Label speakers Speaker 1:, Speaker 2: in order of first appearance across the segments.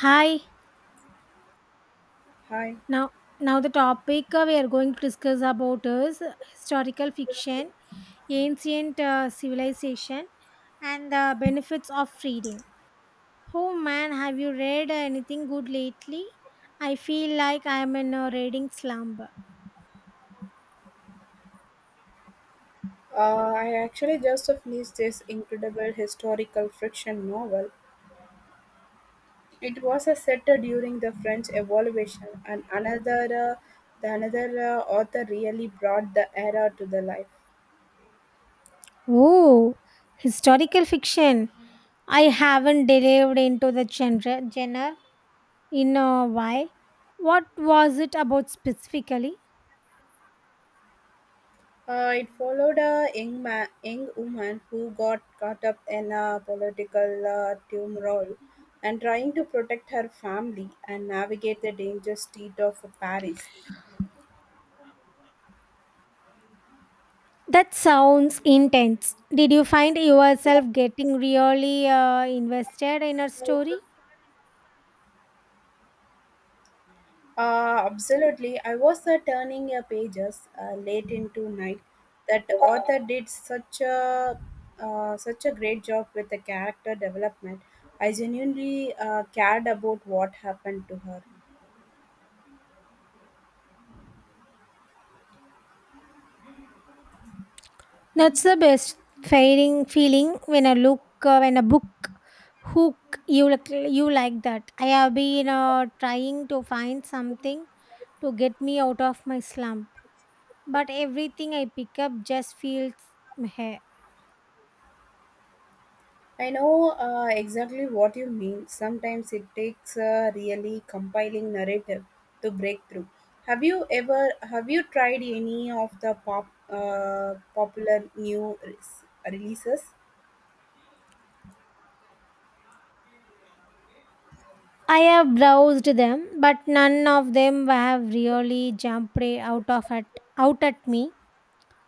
Speaker 1: Hi.
Speaker 2: Hi.
Speaker 1: Now, now the topic we are going to discuss about is historical fiction, ancient civilization, and the benefits of reading. Oh man, have you read anything good lately? I feel like I am in a reading slumber.
Speaker 2: I actually just finished this incredible historical fiction novel. It was a set during the French Revolution, and another the another author really brought the era to the life.
Speaker 1: Oh, historical fiction. I haven't delved into the genre in a while. What was it about specifically?
Speaker 2: It followed a young woman who got caught up in a political turmoil and trying to protect her family and navigate the dangerous street of Paris.
Speaker 1: That sounds intense. Did you find yourself getting really invested in a story?
Speaker 2: Absolutely. I was turning your pages late into night. That author did such a great job with the character development. I genuinely cared about what happened to her.
Speaker 1: That's the best feeling when a look when a book hook you like that. I have been trying to find something to get me out of my slump, but everything I pick up just feels meh.
Speaker 2: I know exactly what you mean. Sometimes it takes a really compiling narrative to break through. Have you tried any of the popular releases?
Speaker 1: I have browsed them, but none of them have really jumped right out of it out at me.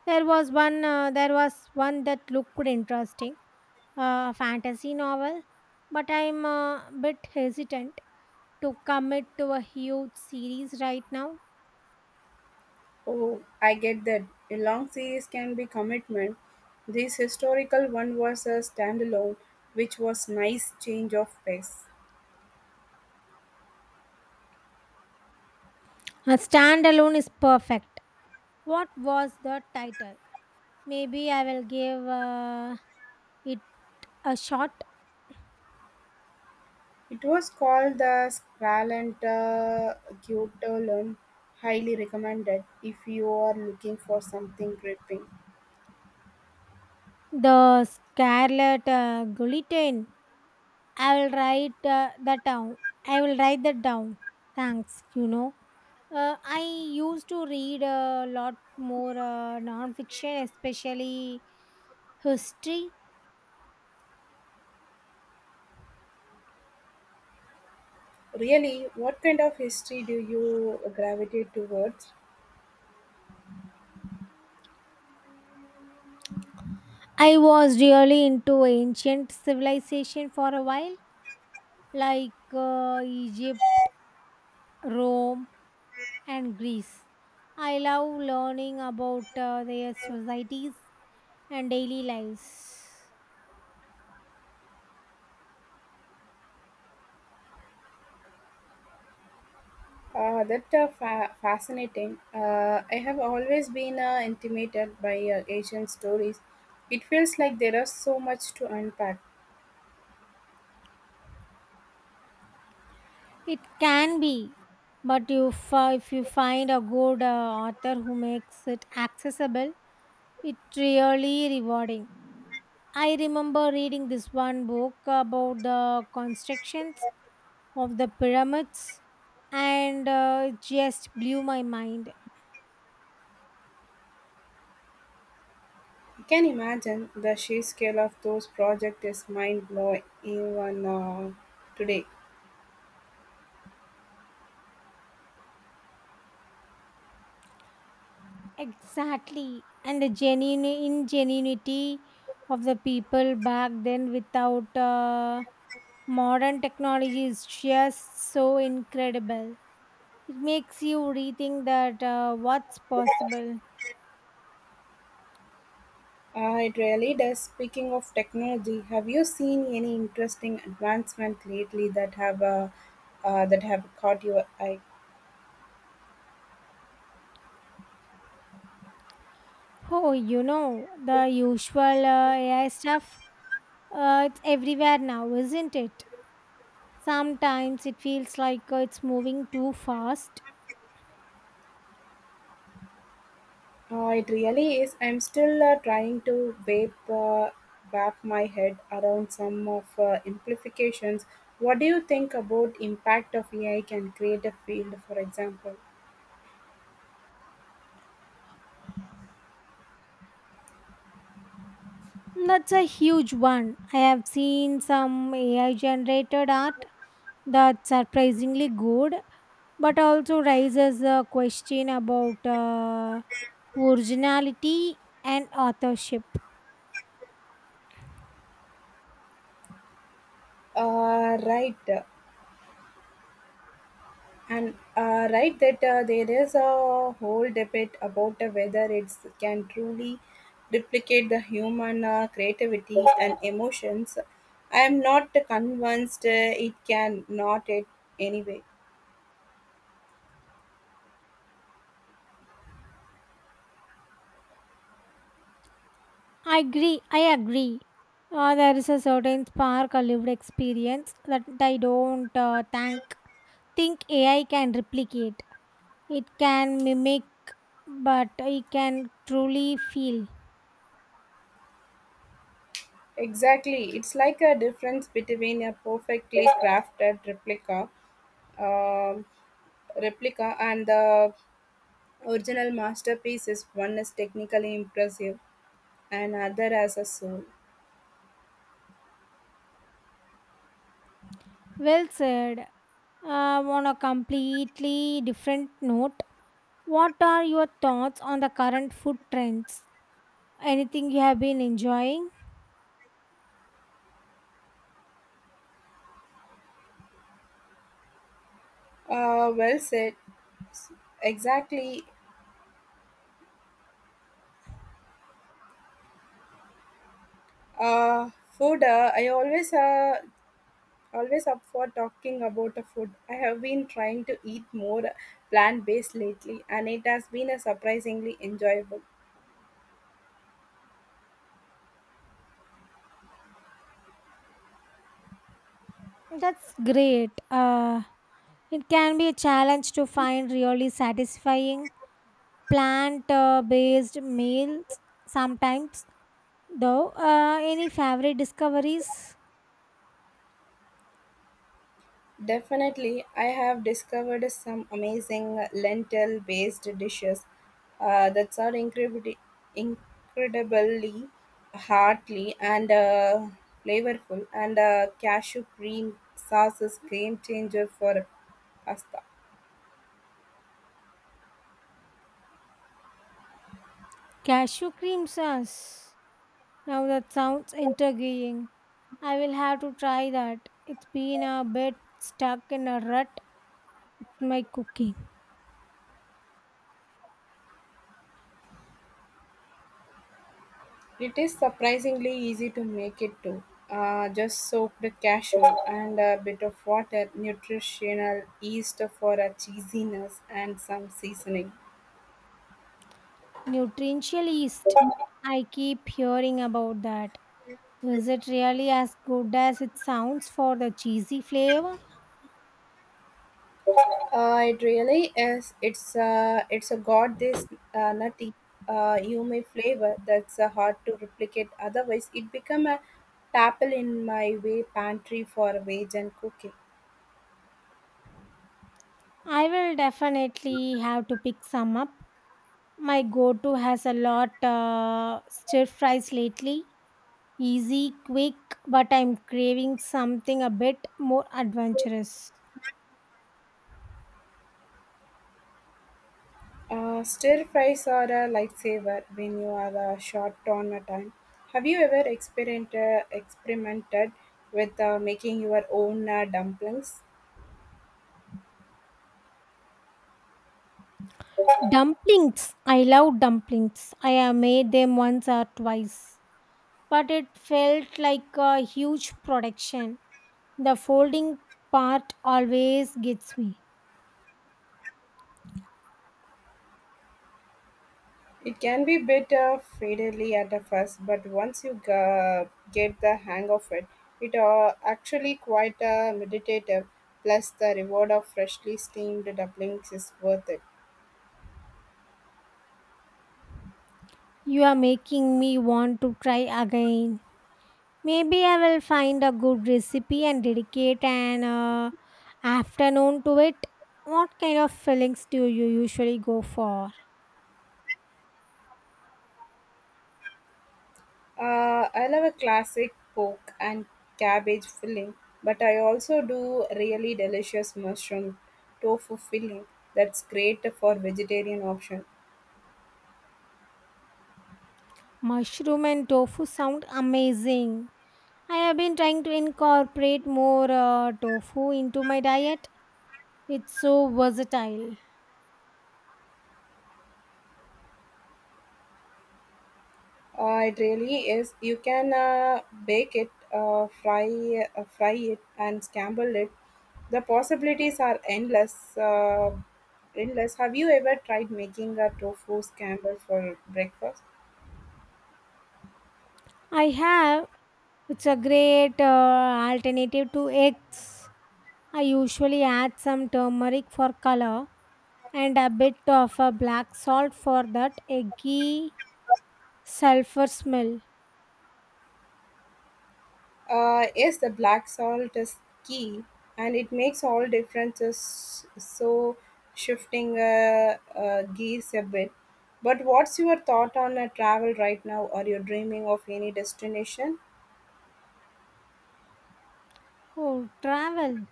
Speaker 1: There was one. There was one that looked interesting, a fantasy novel, but I'm a bit hesitant to commit to a huge series right now.
Speaker 2: Oh, I get that. A long series can be commitment. This historical one was a standalone, which was nice change of pace.
Speaker 1: A standalone is perfect. What was the title? Maybe I will give it a shot.
Speaker 2: It was called the Skralanta Gyotolum. Highly recommended if you are looking for something gripping.
Speaker 1: The Scarlet Guillotine. I will write that down. I will write that down. Thanks. I used to read a lot more non-fiction, especially history.
Speaker 2: Really, what kind of history do you gravitate towards?
Speaker 1: I was really into ancient civilization for a while, like Egypt, Rome, and Greece. I love learning about their societies and daily lives.
Speaker 2: Fascinating. I have always been intimidated by Asian stories. It feels like there is so much to unpack.
Speaker 1: It can be, but if you find a good author who makes it accessible, it's really rewarding. I remember reading this one book about the constructions of the pyramids, and it just blew my mind.
Speaker 2: You can imagine the sheer scale of those projects is mind blowing even today.
Speaker 1: Exactly, and the genuine ingenuity of the people back then without modern technology is just so incredible. It makes you rethink that what's possible.
Speaker 2: It really does. Speaking of technology, have you seen any interesting advancement lately that have caught your eye?
Speaker 1: Oh, you know, the usual AI stuff. It's everywhere now, isn't it? Sometimes it feels like it's moving too fast.
Speaker 2: It really is. I'm still trying to wrap my head around some of amplifications. What do you think about impact of AI can create a field, for example?
Speaker 1: That's a huge one. I have seen some AI generated art that's surprisingly good, but also raises a question about originality and authorship.
Speaker 2: Uh, right. Right that there is a whole debate about whether it can truly replicate the human creativity and emotions. I am not convinced it can, not it anyway.
Speaker 1: I agree. I agree. There is a certain spark or lived experience that I don't think AI can replicate. It can mimic, but it can truly feel.
Speaker 2: Exactly. It's like a difference between a perfectly crafted um, replica and the original masterpiece is one is technically impressive and other has a soul.
Speaker 1: Well said. On a completely different note, what are your thoughts on the current food trends? Anything you have been enjoying?
Speaker 2: Well said. Exactly. Food. I always Always up for talking about the food. I have been trying to eat more plant based lately, and it has been a surprisingly enjoyable.
Speaker 1: That's great. It can be a challenge to find really satisfying plant based meals sometimes, though any favorite discoveries?
Speaker 2: Definitely, I have discovered some amazing lentil based dishes that are incredibly hearty and flavorful, and cashew cream sauce is game changer for pasta.
Speaker 1: Cashew cream sauce, now that sounds intriguing. I will have to try that. It's been a bit stuck in a rut with my cooking.
Speaker 2: It is surprisingly easy to make it too. Just soak the cashew and a bit of water, nutritional yeast for a cheesiness, and some seasoning.
Speaker 1: Nutritional yeast, I keep hearing about that. Is it really as good as it sounds for the cheesy flavor?
Speaker 2: It really is. It's a got this nutty, umami flavor that's hard to replicate. Otherwise, it become a staple in my way pantry for veg and cooking.
Speaker 1: I will definitely have to pick some up. My go to has a lot stir fries lately. Easy, quick, but I'm craving something a bit more adventurous.
Speaker 2: Stir fries are a lifesaver when you are short on a time. Have you ever experienced experimented with making your own dumplings?
Speaker 1: Dumplings. I love dumplings. I have made them once or twice, but it felt like a huge production. The folding part always gets me.
Speaker 2: It can be a bit fiddly at the first, but once you get the hang of it, it actually quite meditative. Plus, the reward of freshly steamed dumplings is worth it.
Speaker 1: You are making me want to try again. Maybe I will find a good recipe and dedicate an afternoon to it. What kind of fillings do you usually go for?
Speaker 2: I love a classic pork and cabbage filling, but I also do really delicious mushroom tofu filling. That's great for vegetarian option.
Speaker 1: Mushroom and tofu sound amazing. I have been trying to incorporate more tofu into my diet. It's so versatile.
Speaker 2: It really is. You can bake it, fry it, and scramble it. The possibilities are endless. Have you ever tried making a tofu scramble for breakfast?
Speaker 1: I have. It's a great alternative to eggs. I usually add some turmeric for color and a bit of black salt for that eggy sulfur smell.
Speaker 2: Yes, the black salt is key, and it makes all differences. So shifting gears a bit. But what's your thought on a travel right now? Are you dreaming of any destination?
Speaker 1: Oh, travel.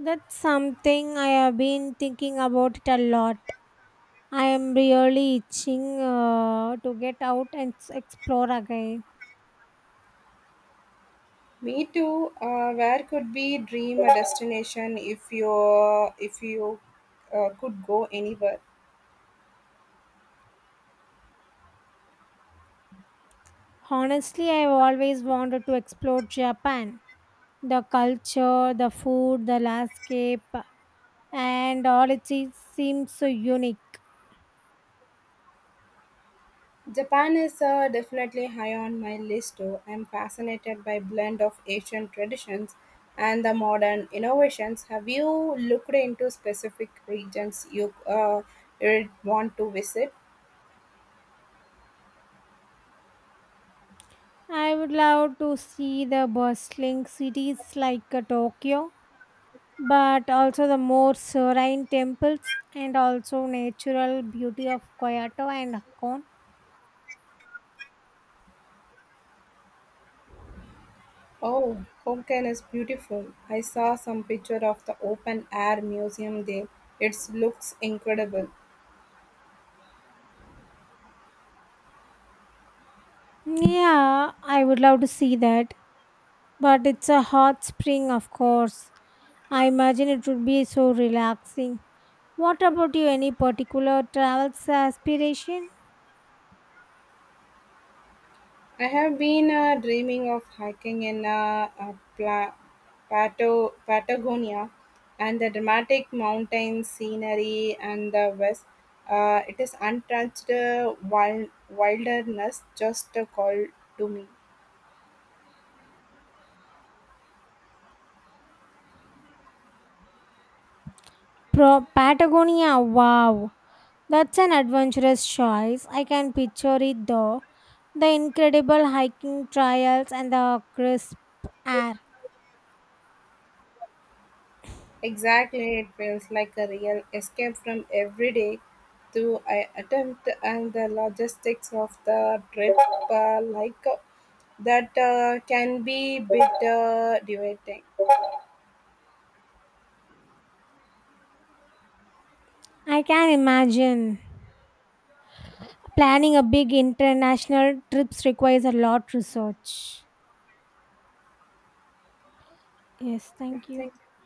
Speaker 1: That's something I have been thinking about it a lot. I am really itching to get out and explore again.
Speaker 2: Me too. Where could be dream a destination if you could go anywhere?
Speaker 1: Honestly, I have always wanted to explore Japan. The culture, the food, the landscape, and all it seems so unique.
Speaker 2: Japan is definitely high on my list too. I'm fascinated by blend of Asian traditions and the modern innovations. Have you looked into specific regions you'd want to visit?
Speaker 1: I would love to see the bustling cities like Tokyo, but also the more serene temples and also natural beauty of Kyoto and Hakone.
Speaker 2: Oh, Hokkien is beautiful. I saw some picture of the open air museum there. It looks incredible.
Speaker 1: Yeah, I would love to see that, but it's a hot spring, of course. I imagine it would be so relaxing. What about you? Any particular travel aspiration?
Speaker 2: I have been dreaming of hiking in Patagonia and the dramatic mountain scenery and the west. It is untouched wilderness, just a call to me.
Speaker 1: Patagonia, wow. That's an adventurous choice. I can picture it though. The incredible hiking trails and the crisp air.
Speaker 2: Exactly, it feels like a real escape from everyday to I attempt and the logistics of the trip, like that can be bit devastating.
Speaker 1: I can imagine. Planning a big international trips requires a lot research. Yes,
Speaker 2: Yeah,
Speaker 1: thank you.
Speaker 2: thank you.